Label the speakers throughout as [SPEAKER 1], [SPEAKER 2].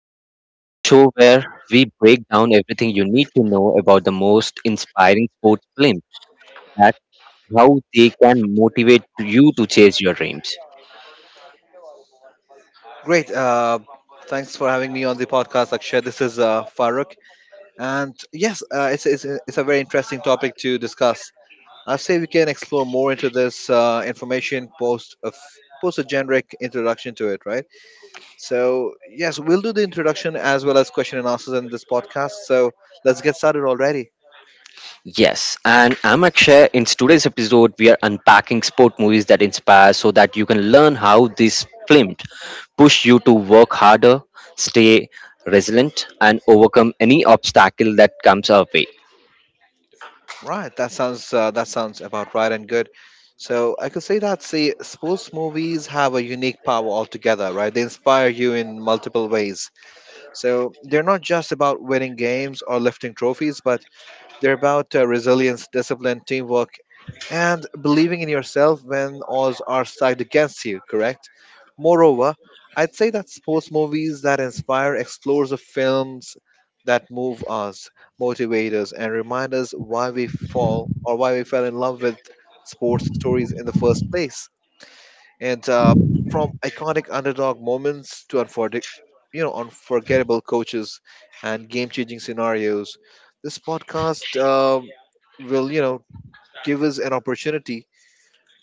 [SPEAKER 1] Inspire, the show where we break down everything you need to know about the most inspiring sports films. That's how they can motivate you to chase your dreams.
[SPEAKER 2] Great. Thanks for having me on the podcast, Akshay. This is Farooq. And yes, it's a very interesting topic to discuss. I say we can explore more into this information post post a generic introduction to it, right? So, yes, we'll do the introduction as well as question and answers in this podcast. So, let's get started already.
[SPEAKER 1] Yes, and I'm Akshay. In today's episode, we are unpacking sport movies that inspire so that you can learn how these films push you to work harder, stay resilient, and overcome any obstacle that comes our way.
[SPEAKER 2] Right. That sounds about right and good. So I could say that see sports movies have a unique power altogether, right? They inspire you in multiple ways. So they're not just about winning games or lifting trophies, but they're about resilience, discipline, teamwork, and believing in yourself when odds are stacked against you, correct? Moreover, I'd say that sports movies that inspire explores the films that move us, motivate us, and remind us why we fall or why we fell in love with sports stories in the first place. And from iconic underdog moments to unforgettable coaches and game-changing scenarios, this podcast will, you know, give us an opportunity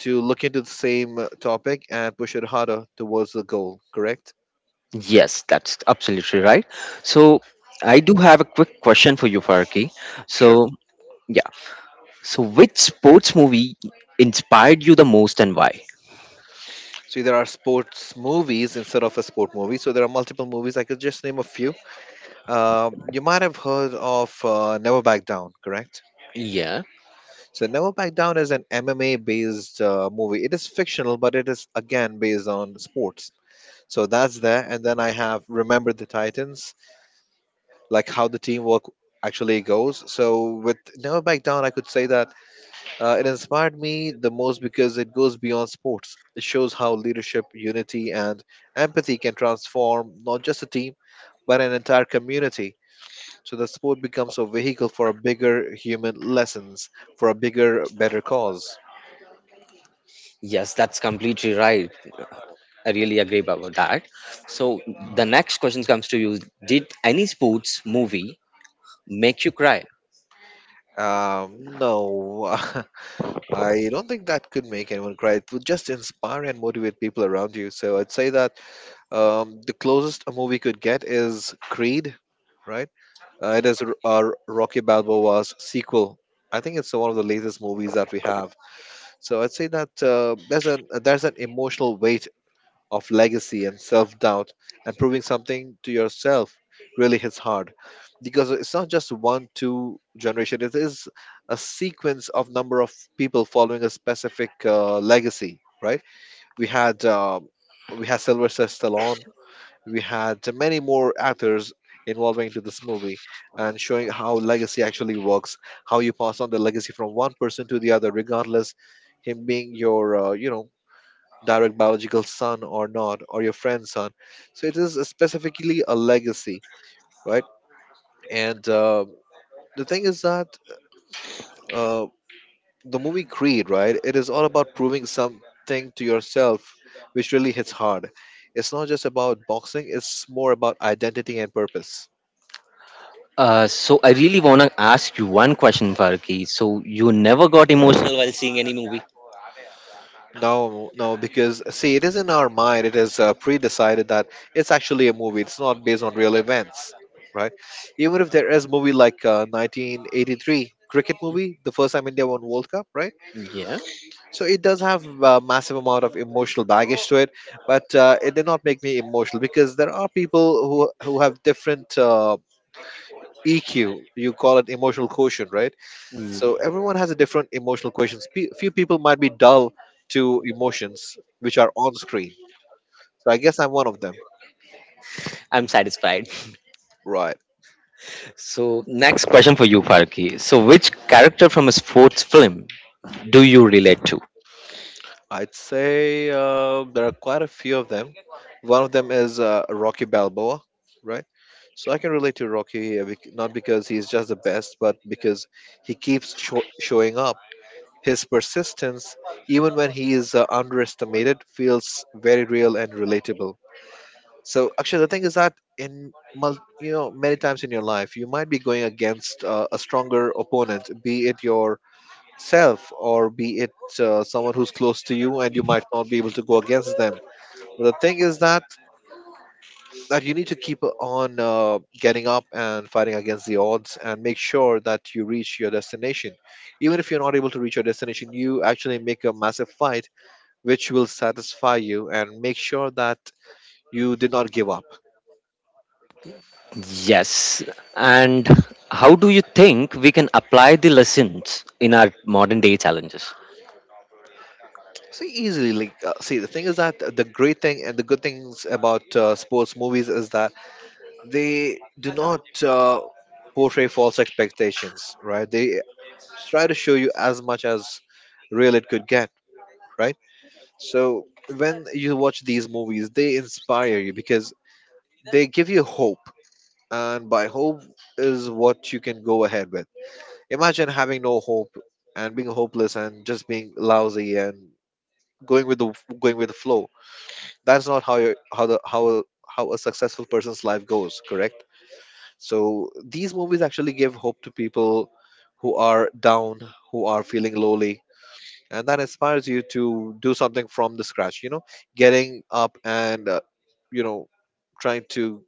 [SPEAKER 2] to look into the same topic and push it harder towards the goal. Correct?
[SPEAKER 1] Yes, that's absolutely right. So I do have a quick question for you, Farki.
[SPEAKER 2] Sure.
[SPEAKER 1] So yeah, so which sports movie inspired you the most and why?
[SPEAKER 2] So there are sports movies instead of a sport movie. So there are multiple movies. I could just name a few. You might have heard of Never Back Down, correct?
[SPEAKER 1] Yeah,
[SPEAKER 2] So Never Back Down is an MMA based movie. It is fictional, but it is again based on sports. So that's there. And then I have Remember the Titans, like how the teamwork actually goes. So with Never Back Down, I could say that it inspired me the most because it goes beyond sports. It shows how leadership, unity, and empathy can transform not just a team, but an entire community. So the sport becomes a vehicle for a bigger human lessons, for a bigger, better cause.
[SPEAKER 1] yes, that's completely right. I really agree about that. So
[SPEAKER 2] Hmm?
[SPEAKER 1] the next question comes to you. Did any sports movie make you cry?
[SPEAKER 2] No, I don't think that could make anyone cry. It would just inspire and motivate people around you. So I'd say that the closest a movie could get is Creed, right? It is Rocky Balboa's sequel. I think it's one of the latest movies that we have. So I'd say that there's an emotional weight of legacy and self doubt and proving something to yourself really hits hard because it's not just one two generation, it is a sequence of number of people following a specific legacy, right? We had uh, we had sylvester stallone. We had many more actors involving into this movie and showing how legacy actually works, how you pass on the legacy from one person to the other regardless him being your direct biological son or not, or your friend's son. So it is specifically a legacy, right? And the thing is that uh, the movie Creed, right? It is all about proving something to yourself, which really hits hard. It's not just about boxing; it's more about identity and purpose.
[SPEAKER 1] So I really wanna ask you one question, Farki. So you never got emotional while seeing any movie?
[SPEAKER 2] No, no, because see, it is in our mind. It is pre-decided that it's actually a movie. It's not based on real events, right? Even if there is movie like 1983 cricket movie, the first time India won World Cup, right?
[SPEAKER 1] Yeah,
[SPEAKER 2] So it does have a massive amount of emotional baggage to it, but it did not make me emotional because there are people who have different EQ. You call it emotional quotient, right?
[SPEAKER 1] mm,
[SPEAKER 2] So everyone has a different emotional quotient. Few people might be dull to emotions which are on screen. So I guess I'm one of them.
[SPEAKER 1] I'm satisfied.
[SPEAKER 2] Right.
[SPEAKER 1] So, next question for you, Farki. So, which character from a sports film do you relate to?
[SPEAKER 2] I'd say there are quite a few of them. One of them is Rocky Balboa, right? So I can relate to Rocky, not because he's just the best, but because he keeps showing up. His persistence, even when he is underestimated, feels very real and relatable. So actually, the thing is that in many times in your life, you might be going against a stronger opponent, be it yourself or be it someone who's close to you, and you might not be able to go against them. But the thing is that you need to keep on getting up and fighting against the odds, and make sure that you reach your destination. Even if you're not able to reach your destination, you actually make a massive fight, which will satisfy you and make sure that you did not give up.
[SPEAKER 1] Yes. And how do you think we can apply the lessons in our modern day challenges?
[SPEAKER 2] See, easily, like, see, the thing is that the great thing and the good things about sports movies is that they do not portray false expectations, right? They try to show you as much as real it could get, right? So when you watch these movies, they inspire you because they give you hope, and by hope is what you can go ahead with. Imagine having no hope and being hopeless and just being lousy and going with the going with the flow. That's not how you how the how a successful person's life goes, correct? So these movies actually give hope to people who are down, who are feeling lowly, and that inspires you to do something from the scratch, getting up and you know trying to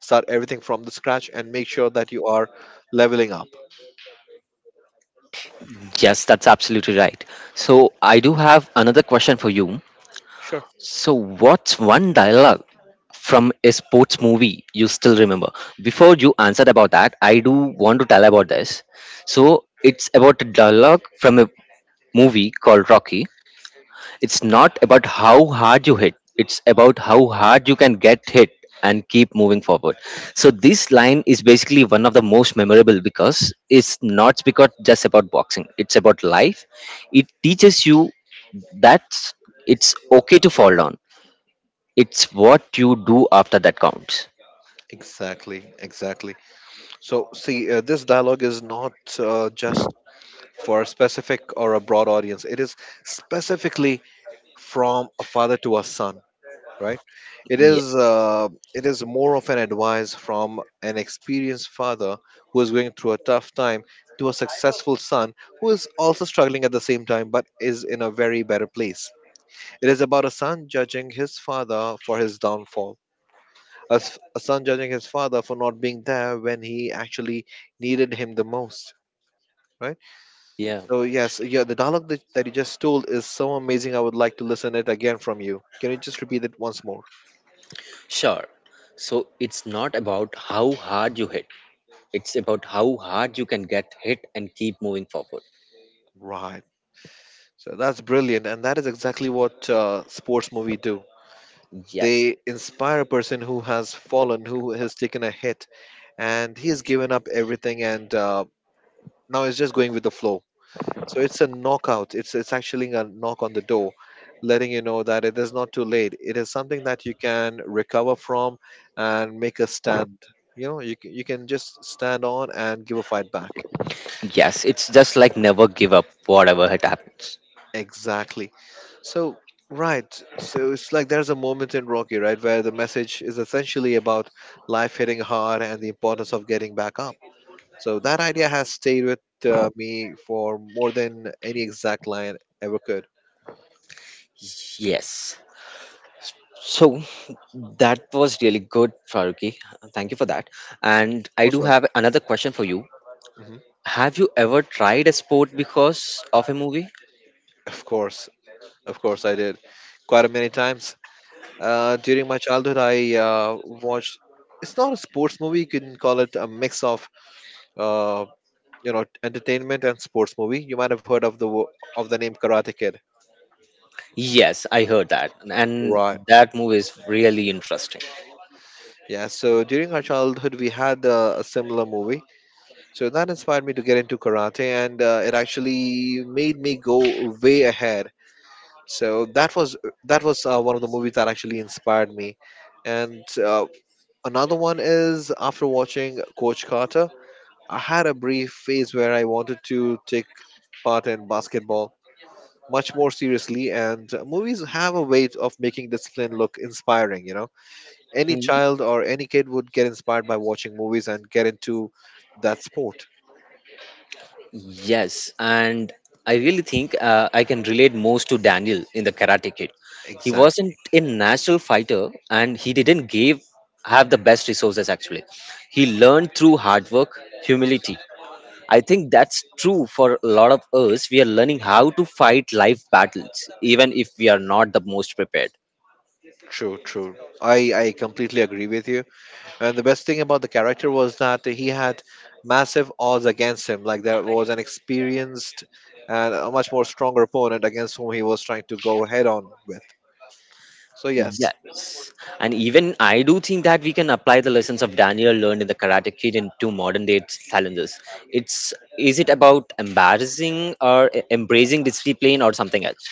[SPEAKER 2] start everything from the scratch and make sure that you are leveling up.
[SPEAKER 1] Yes, that's absolutely right. So, I do have another question for you.
[SPEAKER 2] Sure.
[SPEAKER 1] So, what's one dialogue from a sports movie you still remember? Before you answered about that, I do want to tell about this. So, it's about a dialogue from a movie called Rocky. It's not about how hard you hit, it's about how hard you can get hit and keep moving forward. So this line is basically one of the most memorable because it's not because just about boxing, it's about life. It teaches you that it's okay to fall down. It's what you do after that counts.
[SPEAKER 2] Exactly, exactly. So see, this dialogue is not just for a specific or a broad audience. It is specifically from a father to a son, right? It
[SPEAKER 1] Yeah,
[SPEAKER 2] is uh, it is more of an advice from an experienced father who is going through a tough time to a successful son who is also struggling at the same time but is in a very better place. It is about a son judging his father for his downfall. A son judging his father for not being there when he actually needed him the most, right?
[SPEAKER 1] yeah,
[SPEAKER 2] So yes, yeah, the dialogue that you just told is so amazing. I would like to listen it again from you. Can you just repeat it once more?
[SPEAKER 1] sure. So it's not about how hard you hit. It's about how hard you can get hit and keep moving forward.
[SPEAKER 2] Right. So that's brilliant, and that is exactly what sports movie do.
[SPEAKER 1] Yes.
[SPEAKER 2] They inspire a person who has fallen, who has taken a hit, and he has given up everything, and now is just going with the flow. So it's a knockout. It's actually a knock on the door, letting you know that it is not too late. It is something that you can recover from and make a stand. You know, you can just stand on and give a fight back.
[SPEAKER 1] Yes, it's just like never give up, whatever it happens.
[SPEAKER 2] Exactly. So right. So it's like there's a moment in Rocky, right, where the message is essentially about life hitting hard and the importance of getting back up. So that idea has stayed with me for more than any exact line ever could.
[SPEAKER 1] Yes. So that was really good, Faruqi. Thank you for that. And I
[SPEAKER 2] Most
[SPEAKER 1] do have another question for you.
[SPEAKER 2] welcome. Mhm.
[SPEAKER 1] Have you ever tried a sport because of a movie?
[SPEAKER 2] Of course. Of course, I did quite a many times. During my childhood, I watched. It's not a sports movie. You can call it a mix of, uh, entertainment and sports movie. You might have heard of of the name Karate Kid,
[SPEAKER 1] Yes, I heard that. And
[SPEAKER 2] right?
[SPEAKER 1] that movie is really interesting.
[SPEAKER 2] Yeah. So during our childhood, we had a similar movie. So that inspired me to get into karate, and it actually made me go way ahead. So that was one of the movies that actually inspired me, and another one is after watching Coach Carter, I had a brief phase where I wanted to take part in basketball much more seriously, and movies have a way of making discipline look inspiring. You know, any
[SPEAKER 1] Hmm.
[SPEAKER 2] child or any kid would get inspired by watching movies and get into that sport.
[SPEAKER 1] Yes, and I really think I can relate most to Daniel in the Karate Kid. He wasn't
[SPEAKER 2] Exactly.
[SPEAKER 1] a natural fighter, and he didn't give have the best resources. Actually, he learned through hard work, humility. I think that's true for a lot of us. We are learning how to fight life battles, even if we are not the most prepared.
[SPEAKER 2] True, true. I completely agree with you. And the best thing about the character was that he had massive odds against him. Like there was an experienced and a much more stronger opponent against whom he was trying to go head on with. So yes,
[SPEAKER 1] Yes. And even I do think that we can apply the lessons of Daniel learned in the Karate Kid into modern day challenges. It's is it about embarrassing or embracing discipline or something else?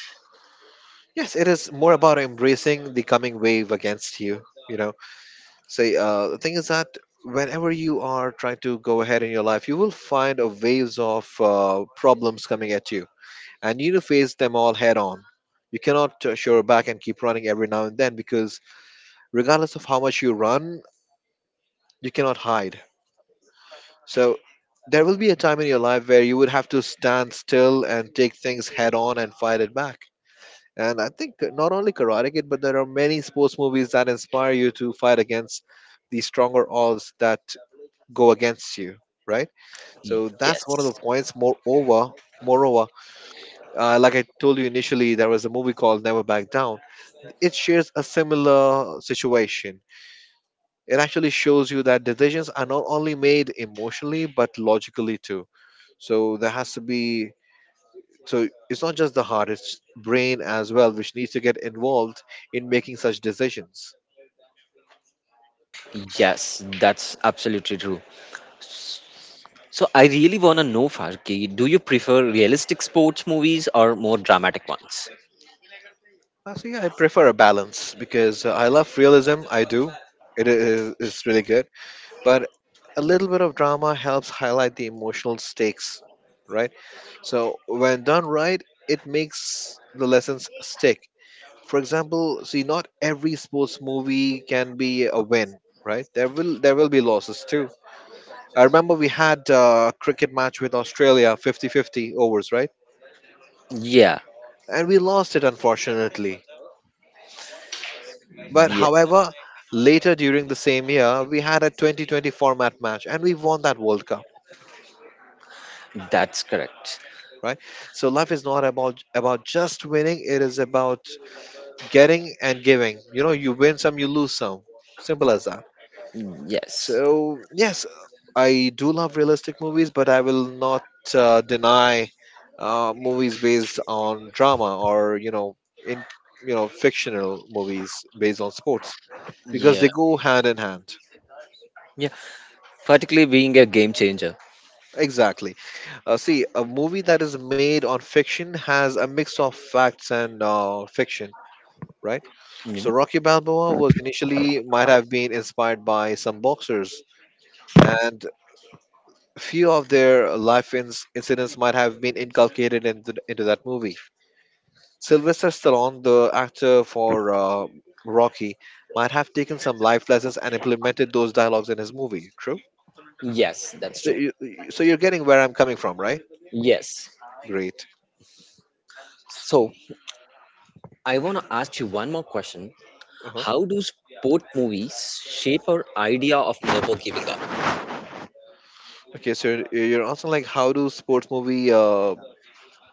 [SPEAKER 2] yes, it is more about embracing the coming wave against you. You know, say the thing is that whenever you are trying to go ahead in your life, you will find a waves of problems coming at you, and you need to face them all head on. You cannot show back and keep running every now and then because regardless of how much you run, you cannot hide. So there will be a time in your life where you would have to stand still and take things head on and fight it back. And I think not only Karate Kid, but there are many sports movies that inspire you to fight against the stronger odds that go against you, right? So that's one of the
[SPEAKER 1] Yes.
[SPEAKER 2] points. Moreover, like I told you initially, there was a movie called Never Back Down. It shares a similar situation. It actually shows you that decisions are not only made emotionally but logically too. So there has to be So it's not just the heart, it's brain as well, which needs to get involved in making such decisions.
[SPEAKER 1] Yes, that's absolutely true. So I really wanna know, Farki, do you prefer realistic sports movies or more dramatic ones?
[SPEAKER 2] So yeah, I prefer a balance because I love realism. I do. It's really good, but a little bit of drama helps highlight the emotional stakes, right? So when done right, it makes the lessons stick. For example, see, not every sports movie can be a win. Right, there will be losses too. I remember we had a cricket match with Australia, 50 50 overs, right?
[SPEAKER 1] Yeah.
[SPEAKER 2] And we lost it, unfortunately. But
[SPEAKER 1] Yeah.
[SPEAKER 2] however, later during the same year, we had a 2020 format match and we won that World Cup,
[SPEAKER 1] That's correct.
[SPEAKER 2] right? So life is not about just winning, it is about getting and giving you know You win some, you lose some. Simple as that.
[SPEAKER 1] Yes.
[SPEAKER 2] So yes, I do love realistic movies, but I will not deny movies based on drama or you know in you know fictional movies based on sports because
[SPEAKER 1] Yeah.
[SPEAKER 2] they go hand in hand.
[SPEAKER 1] Yeah. Particularly being a game changer.
[SPEAKER 2] Exactly. See, a movie that is made on fiction has a mix of facts and fiction, right? So
[SPEAKER 1] Mm-hmm.
[SPEAKER 2] Rocky Balboa was initially might have been inspired by some boxers, and few of their life ins incidents might have been inculcated into that movie. Sylvester Stallone, the actor for Rocky, might have taken some life lessons and implemented those dialogues in his movie. True.
[SPEAKER 1] Yes, that's
[SPEAKER 2] So,
[SPEAKER 1] true.
[SPEAKER 2] so you're getting where I'm coming from, right?
[SPEAKER 1] Yes.
[SPEAKER 2] Great.
[SPEAKER 1] So I want to ask you one more question.
[SPEAKER 2] Uh-huh.
[SPEAKER 1] How do sport movies shape our idea of never giving up?
[SPEAKER 2] Okay, so you're asking, like, how do sports movie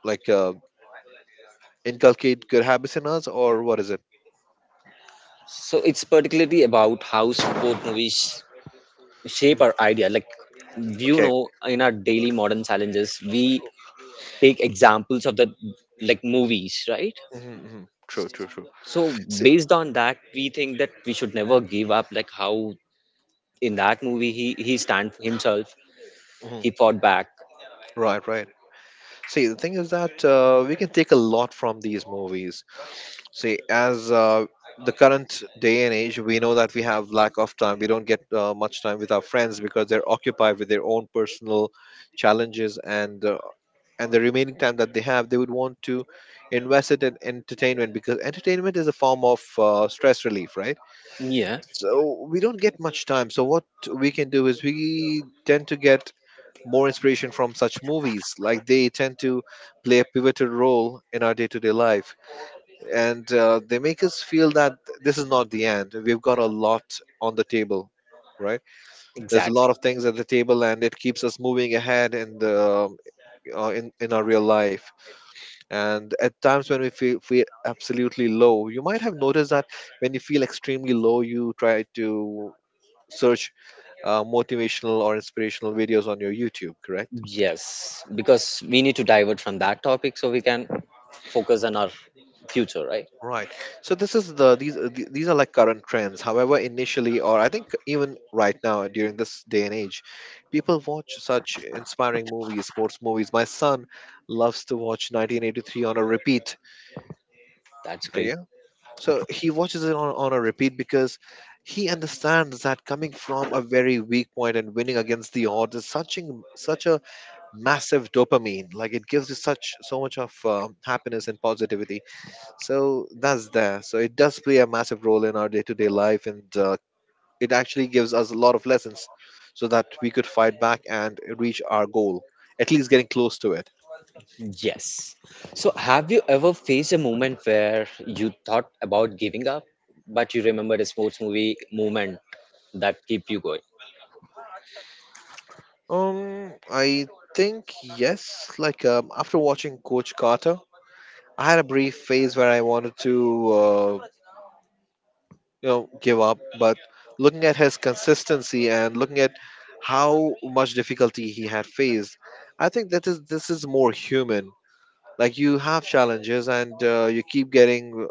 [SPEAKER 2] like uh inculcate good habits in us, or what is it?
[SPEAKER 1] So it's particularly about how sport movies
[SPEAKER 2] Mm.
[SPEAKER 1] shape our idea. Like you
[SPEAKER 2] Okay.
[SPEAKER 1] know, in our daily modern challenges, we take examples of the like movies, right?
[SPEAKER 2] Hmm. True, true, true.
[SPEAKER 1] So
[SPEAKER 2] See.
[SPEAKER 1] based on that, we think that we should never give up. Like how in that movie he stand himself,
[SPEAKER 2] Mhm.
[SPEAKER 1] he fought back.
[SPEAKER 2] Right, right. See, the thing is that we can take a lot from these movies. See, as the current day and age, we know that we have lack of time. We don't get much time with our friends because they're occupied with their own personal challenges, and the remaining time that they have, they would want to invest it in entertainment, because entertainment is a form of stress relief, right?
[SPEAKER 1] Yeah,
[SPEAKER 2] So we don't get much time. So what we can do is we tend to get more inspiration from such movies. Like they tend to play a pivotal role in our day to day life. And they make us feel that this is not the end. We've got a lot on the table, right? There's a
[SPEAKER 1] exactly.
[SPEAKER 2] lot of things at the table, and it keeps us moving ahead in, in our real life. And at times when we feel absolutely low, you might have noticed that when you feel extremely low, you try to search motivational or inspirational videos on your YouTube, correct?
[SPEAKER 1] Yes, because we need to divert from that topic so we can focus on our future, right?
[SPEAKER 2] Right. So this is the- these are like current trends. However, initially, or I think even right now during this day and age, people watch such inspiring movies, sports movies. My son loves to watch 1983 on a repeat.
[SPEAKER 1] That's great.
[SPEAKER 2] Yeah. So he watches it on a repeat because he understands that coming from a very weak point and winning against the odds is such a, such a massive dopamine. Like it gives you such so much of happiness and positivity, so that's there. So it does play a massive role in our day to day life, and it actually gives us a lot of lessons so that we could fight back and reach our goal, at least getting close to it.
[SPEAKER 1] Yes. So, have you ever faced a moment where you thought about giving up, but you remembered a sports movie moment that keep you going?
[SPEAKER 2] I think yes. Like after watching Coach Carter, I had a brief phase where I wanted to, you know, give up. But looking at his consistency and looking at how much difficulty he had faced, I think that is this is more human. Like you have challenges and you keep getting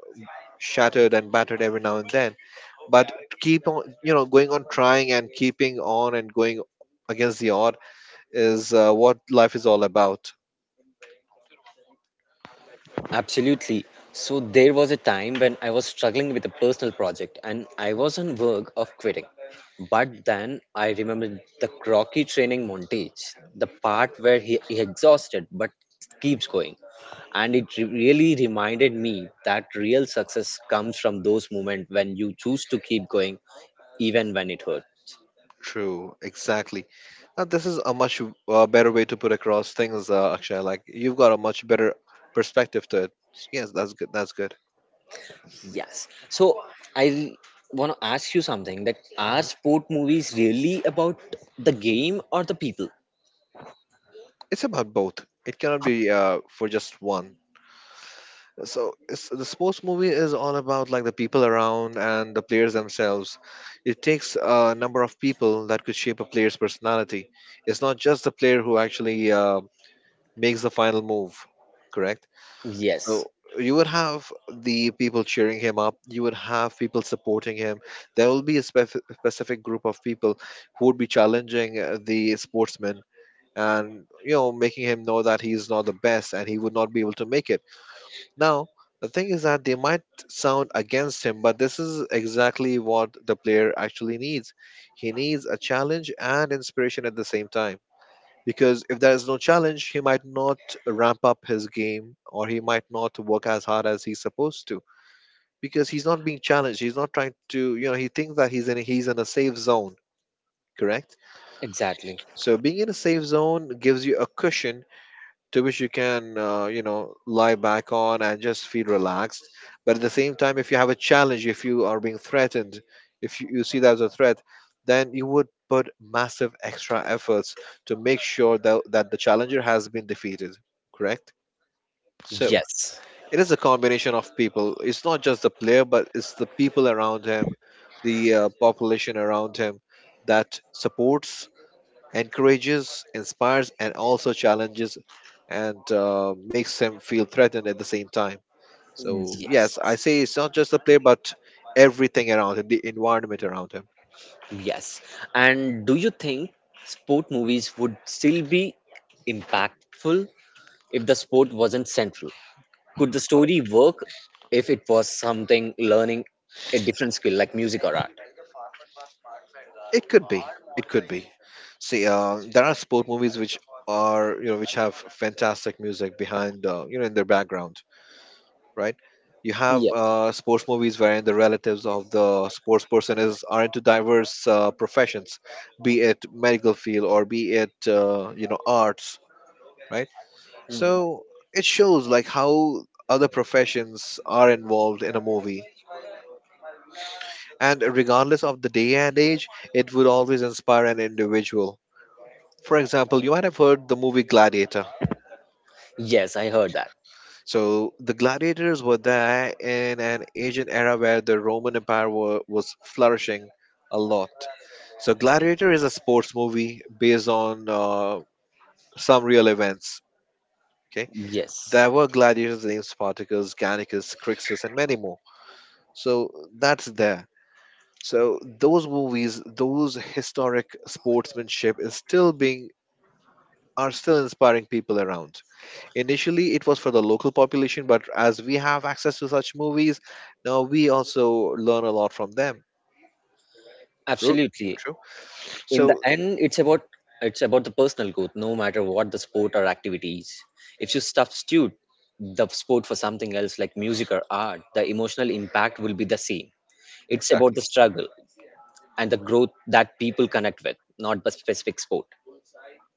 [SPEAKER 2] shattered and battered every now and then, but to keep on, you know, going on trying and keeping on and going against the odd is, what life is all about.
[SPEAKER 1] Absolutely. So there was a time when I was struggling with a personal project and I was on verge of quitting. But then I remembered the Crocky training montage, the part where he exhausted but keeps going. And it really reminded me that real success comes from those moments when you choose to keep going even when it hurts.
[SPEAKER 2] True, exactly. This is a much better way to put across things, Akshay. Like you've got a much better perspective to it. Yes, that's good. That's good.
[SPEAKER 1] Yes. So I want to ask you something that are
[SPEAKER 2] Mhm.
[SPEAKER 1] sport movies really about the game or the people?
[SPEAKER 2] It's about both. It cannot be for just one. So the sports movie is all about like the people around and the players themselves. It takes a number of people that could shape a player's personality. It's not just the player who actually makes the final move, correct?
[SPEAKER 1] Yes,
[SPEAKER 2] So you would have the people cheering him up, you would have people supporting him. There will be a specific group of people who would be challenging the sportsman, and, you know, making him know that he's not the best and he would not be able to make it. Now, the thing is that they might sound against him, but this is exactly what the player actually needs. He needs a challenge and inspiration at the same time. Because if there is no challenge, he might not ramp up his game or he might not work as hard as he's supposed to. Because he's not being challenged. He's not trying to, you know, he thinks that he's in a safe zone, correct?
[SPEAKER 1] exactly.
[SPEAKER 2] So being in a safe zone gives you a cushion to which you can you know, lie back on and just feel relaxed. But at the same time, if you have a challenge, if you are being threatened, if you see that as a threat, then you would put massive extra efforts to make sure that the challenger has been defeated, correct? So
[SPEAKER 1] Yes,
[SPEAKER 2] it is a combination of people. It's not just the player, but it's the people around him, the population around him, that supports, encourages, inspires, and also challenges, and makes them feel threatened at the same time. So,
[SPEAKER 1] yes,
[SPEAKER 2] yes, I say it's not just the player, but everything around him, the environment around him.
[SPEAKER 1] yes. And do you think sport movies would still be impactful if the sport wasn't central? Could the story work if it was something learning a different skill like music or art?
[SPEAKER 2] It could be. It could be. See, there are sport movies which are, you know, which have fantastic music behind, you know, in their background, right? You have
[SPEAKER 1] Yeah.
[SPEAKER 2] sports movies wherein the relatives of the sports person is are into diverse professions, be it medical field or be it you know, arts, right?
[SPEAKER 1] Mhm.
[SPEAKER 2] So it shows like how other professions are involved in a movie. And regardless of the day and age, it would always inspire an individual. For example, you might have heard the movie Gladiator.
[SPEAKER 1] Yes, I heard that.
[SPEAKER 2] So the gladiators were there in an ancient era where the Roman Empire was flourishing a lot. So Gladiator is a sports movie based on some real events. Okay,
[SPEAKER 1] Yes,
[SPEAKER 2] there were gladiators named Spartacus, Gannicus, Crixus, and many more, so that's there. So those movies, those historic sportsmanship is still being, are still inspiring people around. Initially it was for the local population, but as we have access to such movies, now we also learn a lot from them. True.
[SPEAKER 1] absolutely.
[SPEAKER 2] True.
[SPEAKER 1] In the
[SPEAKER 2] So,
[SPEAKER 1] end it's about the personal growth no matter what the sport or activities. If you substitute the sport for something else like music or art, the emotional impact will be the same. It's about
[SPEAKER 2] exactly.
[SPEAKER 1] the struggle and the growth that people connect with, not the specific sport.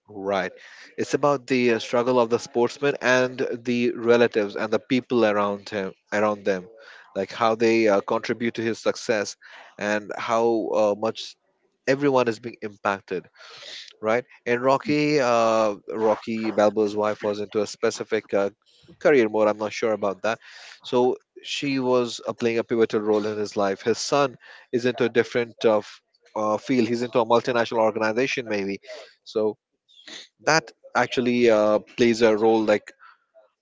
[SPEAKER 2] Right. It's about the struggle of the sportsman and the relatives and the people around him, around them, like how they contribute to his success and how much everyone is being impacted. Right. And Rocky, Rocky Balboa's wife was into a specific career mode. I'm not sure about that. So she was playing a pivotal role in his life. His son is into a different field. He's into a multinational organization, maybe. So that actually plays a role, like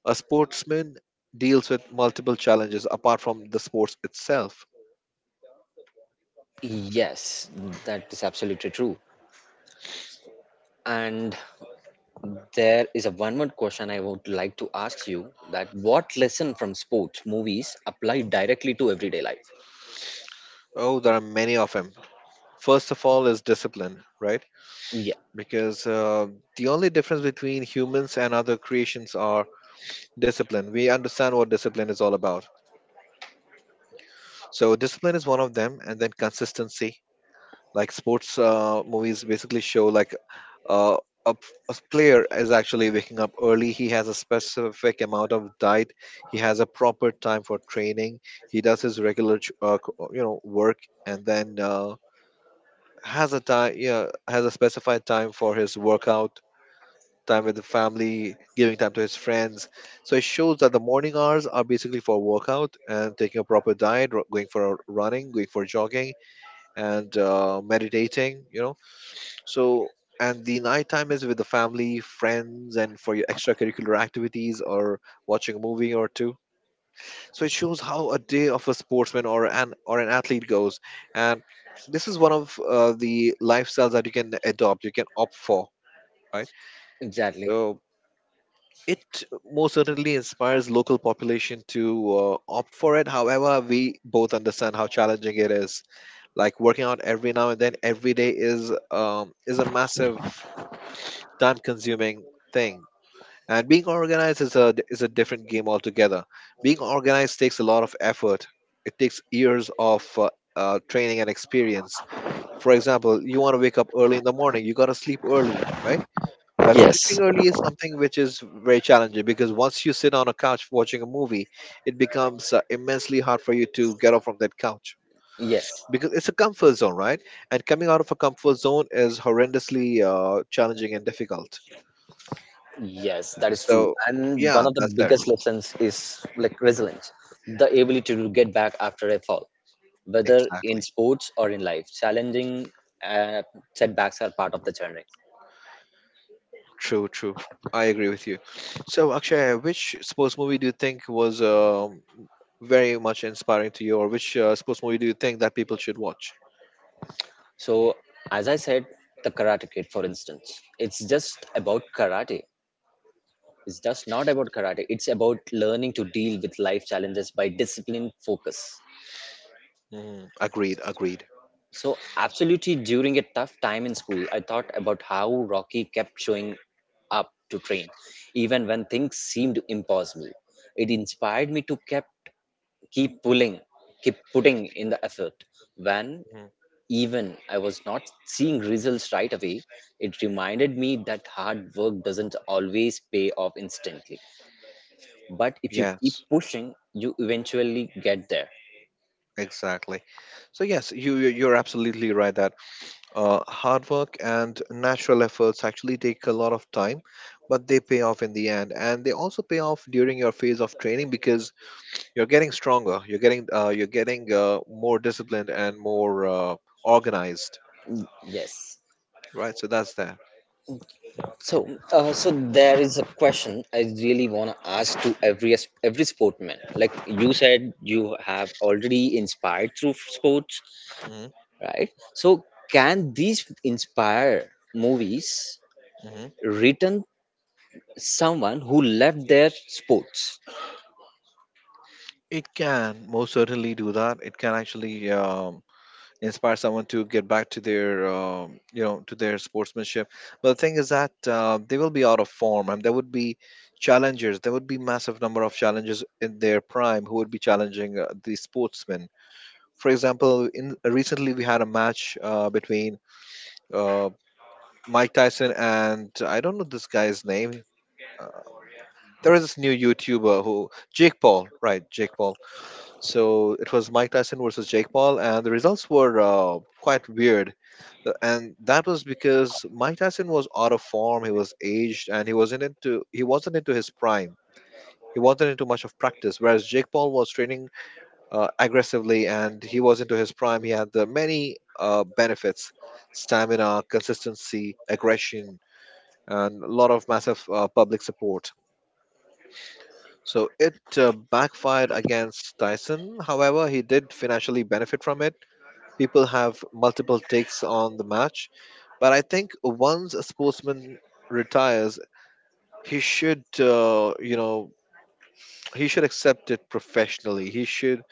[SPEAKER 2] a sportsman deals with multiple challenges apart from the sports itself.
[SPEAKER 1] Yes, that is absolutely true. And there is a one more question I would like to ask you, that what lesson from sports movies apply directly to everyday life.
[SPEAKER 2] Oh, there are many of them. First of all is discipline, right?
[SPEAKER 1] Yeah,
[SPEAKER 2] Because the only difference between humans and other creations are discipline. We understand what discipline is all about. So discipline is one of them, and then consistency. Like sports movies basically show like uh, a, a player is actually waking up early. He has a specific amount of diet, he has a proper time for training. He does his regular you know, work, and then has a specified time for his workout, time with the family, giving time to his friends. So it shows that the morning hours are basically for workout and taking a proper diet, going for a running, going for jogging, and meditating, you know. So, and the night time is with the family, friends, and for your extracurricular activities or watching a movie or two. So it shows how a day of a sportsman or an athlete goes, and this is one of the lifestyles that you can adopt, you can opt for, right?
[SPEAKER 1] exactly,
[SPEAKER 2] So it most certainly inspires local population to opt for it. However, we both understand how challenging it is. Like working out every now and then, every day is a massive time consuming thing. And being organized is a different game altogether. Being organized takes a lot of effort. It takes years of training and experience. For example, you want to wake up early in the morning. You gotta sleep early, right? But sleeping
[SPEAKER 1] yes.
[SPEAKER 2] early is something which is very challenging because once you sit on a couch watching a movie, it becomes immensely hard for you to get off from that couch
[SPEAKER 1] Yes,
[SPEAKER 2] because it's a comfort zone, right? And coming out of a comfort zone is horrendously challenging and difficult.
[SPEAKER 1] yes, that is true.
[SPEAKER 2] So
[SPEAKER 1] And one
[SPEAKER 2] yeah,
[SPEAKER 1] of the
[SPEAKER 2] that's there.
[SPEAKER 1] biggest lessons is like resilience, the ability to get back after a fall, whether in
[SPEAKER 2] Exactly.
[SPEAKER 1] sports or in life. Challenging uh, setbacks are part of the journey.
[SPEAKER 2] True, true. I agree with you. So Akshay, which sports movie do you think was very much inspiring to you, or which sports movie do you think that people should watch?
[SPEAKER 1] So, as I said, the Karate Kid, for instance, it's just about karate. It's just not about karate. It's about learning to deal with life challenges by discipline, focus.
[SPEAKER 2] Mm, agreed, agreed.
[SPEAKER 1] So, absolutely, during a tough time in school, I thought about how Rocky kept showing up to train, even when things seemed impossible. It inspired me to kept keep pulling, keep putting in the effort. When
[SPEAKER 2] Mhm.
[SPEAKER 1] even I was not seeing results right away, it reminded me that hard work doesn't always pay off instantly. But if you keep
[SPEAKER 2] Yes,
[SPEAKER 1] pushing, you eventually get there.
[SPEAKER 2] exactly. So yes, you're absolutely right that, hard work and natural efforts actually take a lot of time, but they pay off in the end, and they also pay off during your phase of training because you're getting stronger, you're getting more disciplined and more organized,
[SPEAKER 1] Mm, yes.
[SPEAKER 2] right? So that's that.
[SPEAKER 1] So there is a question I really want to ask to every sportman. Like you said, you have already inspired through sports,
[SPEAKER 2] Hmm.
[SPEAKER 1] right? So, can these inspire movies
[SPEAKER 2] Hmm.
[SPEAKER 1] written someone who left their sports?
[SPEAKER 2] It can most certainly do that. It can actually. Inspire someone to get back to their you know to their sportsmanship, but the thing is that they will be out of form, and there would be challengers, there would be massive number of challengers in their prime who would be challenging the sportsmen. For example, in recently we had a match between uh, Mike Tyson and I don't know this guy's name. uh, there is this new youtuber who Jake Paul, right? Jake Paul. So it was Mike Tyson versus Jake Paul, and the results were quite weird. And that was because Mike Tyson was out of form, he was aged, and he wasn't into his prime. He wasn't into much of practice, whereas Jake Paul was training aggressively, and he was into his prime. He had the many benefits: stamina, consistency, aggression, and a lot of massive public support. So it backfired against Tyson. However, he did financially benefit from it. People have multiple takes on the match, but I think once a sportsman retires, he should, you know, he should accept it professionally. He should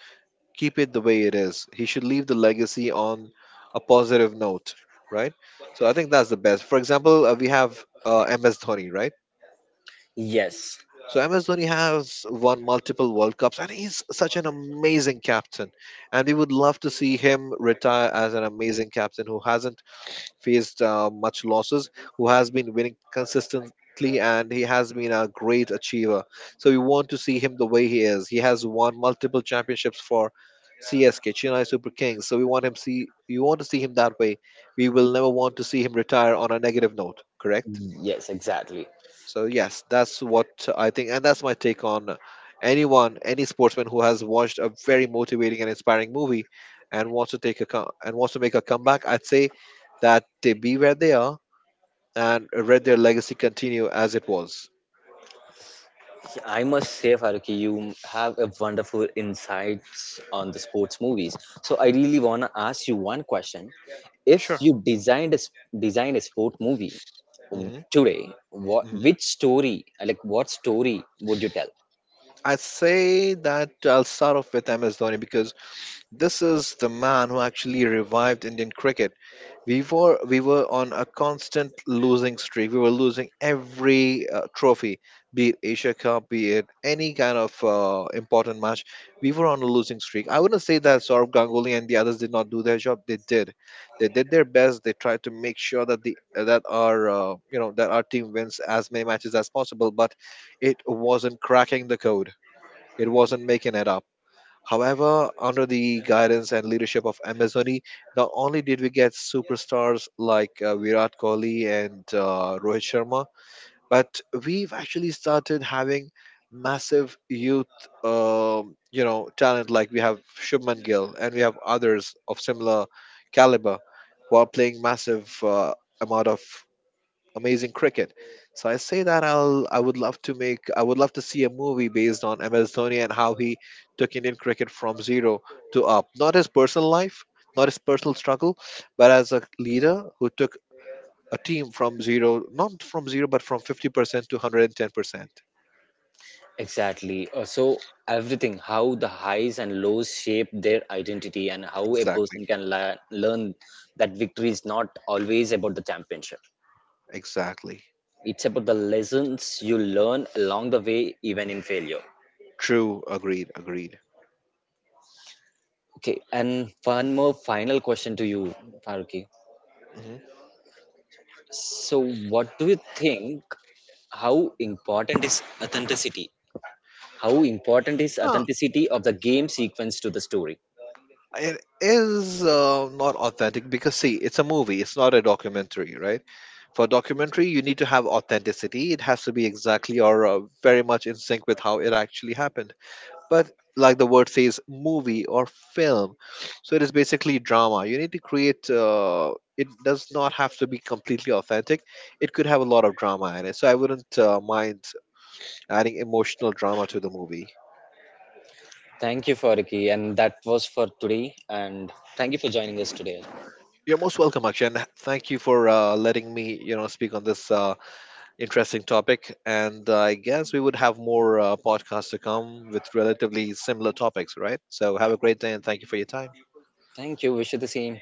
[SPEAKER 2] keep it the way it is. He should leave the legacy on a positive note, right? So I think that's the best. For example, we have MS Dhoni, right?
[SPEAKER 1] Yes,
[SPEAKER 2] So MS Dhoni has won multiple World Cups, and he's such an amazing captain. And we would love to see him retire as an amazing captain who hasn't faced much losses, who has been winning consistently, and he has been a great achiever. So we want to see him the way he is. He has won multiple championships for CSK, Chennai Super Kings. So we want him see you want to see him that way. We will never want to see him retire on a negative note, correct?
[SPEAKER 1] yes, exactly.
[SPEAKER 2] So yes, that's what I think, and that's my take on anyone, any sportsman who has watched a very motivating and inspiring movie and wants to make a comeback. I'd say that they be where they are and read their legacy continue as it was.
[SPEAKER 1] I must say, Faruqi, you have a wonderful insights on the sports movies. So I really want to ask you one question. If
[SPEAKER 2] Sure.
[SPEAKER 1] you designed a sport movie
[SPEAKER 2] Hmm.
[SPEAKER 1] today, what
[SPEAKER 2] Hmm.
[SPEAKER 1] which story, like what story would you tell?
[SPEAKER 2] I say that I'll start off with MS Dhoni because this is the man who actually revived Indian cricket. We were on a constant losing streak. We were losing every trophy, be it Asia Cup, be it any kind of important match. We were on a losing streak. I wouldn't say that Saurabh Ganguly and the others did not do their job. They did. They did their best. They tried to make sure that the that our you know that our team wins as many matches as possible. But it wasn't cracking the code. It wasn't making it up. However, under the guidance and leadership of Amazoni, not only did we get superstars like Virat Kohli and Rohit Sharma, but we've actually started having massive youth, you know, talent. Like we have Shubman Gill, and we have others of similar caliber who are playing massive amount of amazing cricket. So I say that I would love to see a movie based on MS Dhoni and how he took Indian cricket from zero to up. Not his personal life, not his personal struggle, but as a leader who took a team from zero, not from zero, but from 50% to 110%.
[SPEAKER 1] Exactly. So everything, how the highs and lows shape their identity and how a
[SPEAKER 2] Exactly.
[SPEAKER 1] person can learn that victory is not always about the championship.
[SPEAKER 2] Exactly.
[SPEAKER 1] It's about the lessons you learn along the way, even in failure.
[SPEAKER 2] True. Agreed. Agreed.
[SPEAKER 1] Okay, and one more final question to you, Faruqi.
[SPEAKER 2] Mhm.
[SPEAKER 1] So, what do you think? How important is authenticity? How important is authenticity of the game sequence to the story?
[SPEAKER 2] It is not authentic because, see, it's a movie, it's not a documentary, right? For documentary, you need to have authenticity. It has to be exactly or very much in sync with how it actually happened. But, like the word says, movie or film. So, it is basically drama. You need to create, it does not have to be completely authentic. It could have a lot of drama in it. So, I wouldn't mind adding emotional drama to the movie.
[SPEAKER 1] Thank you, Faruqi, and that was for today. And thank you for joining us today.
[SPEAKER 2] You're most welcome, Akshay, and thank you for letting me, you know, speak on this interesting topic. And I guess we would have more podcasts to come with relatively similar topics, right? So have a great day, and thank you for your time.
[SPEAKER 1] Thank you. Wish you the same.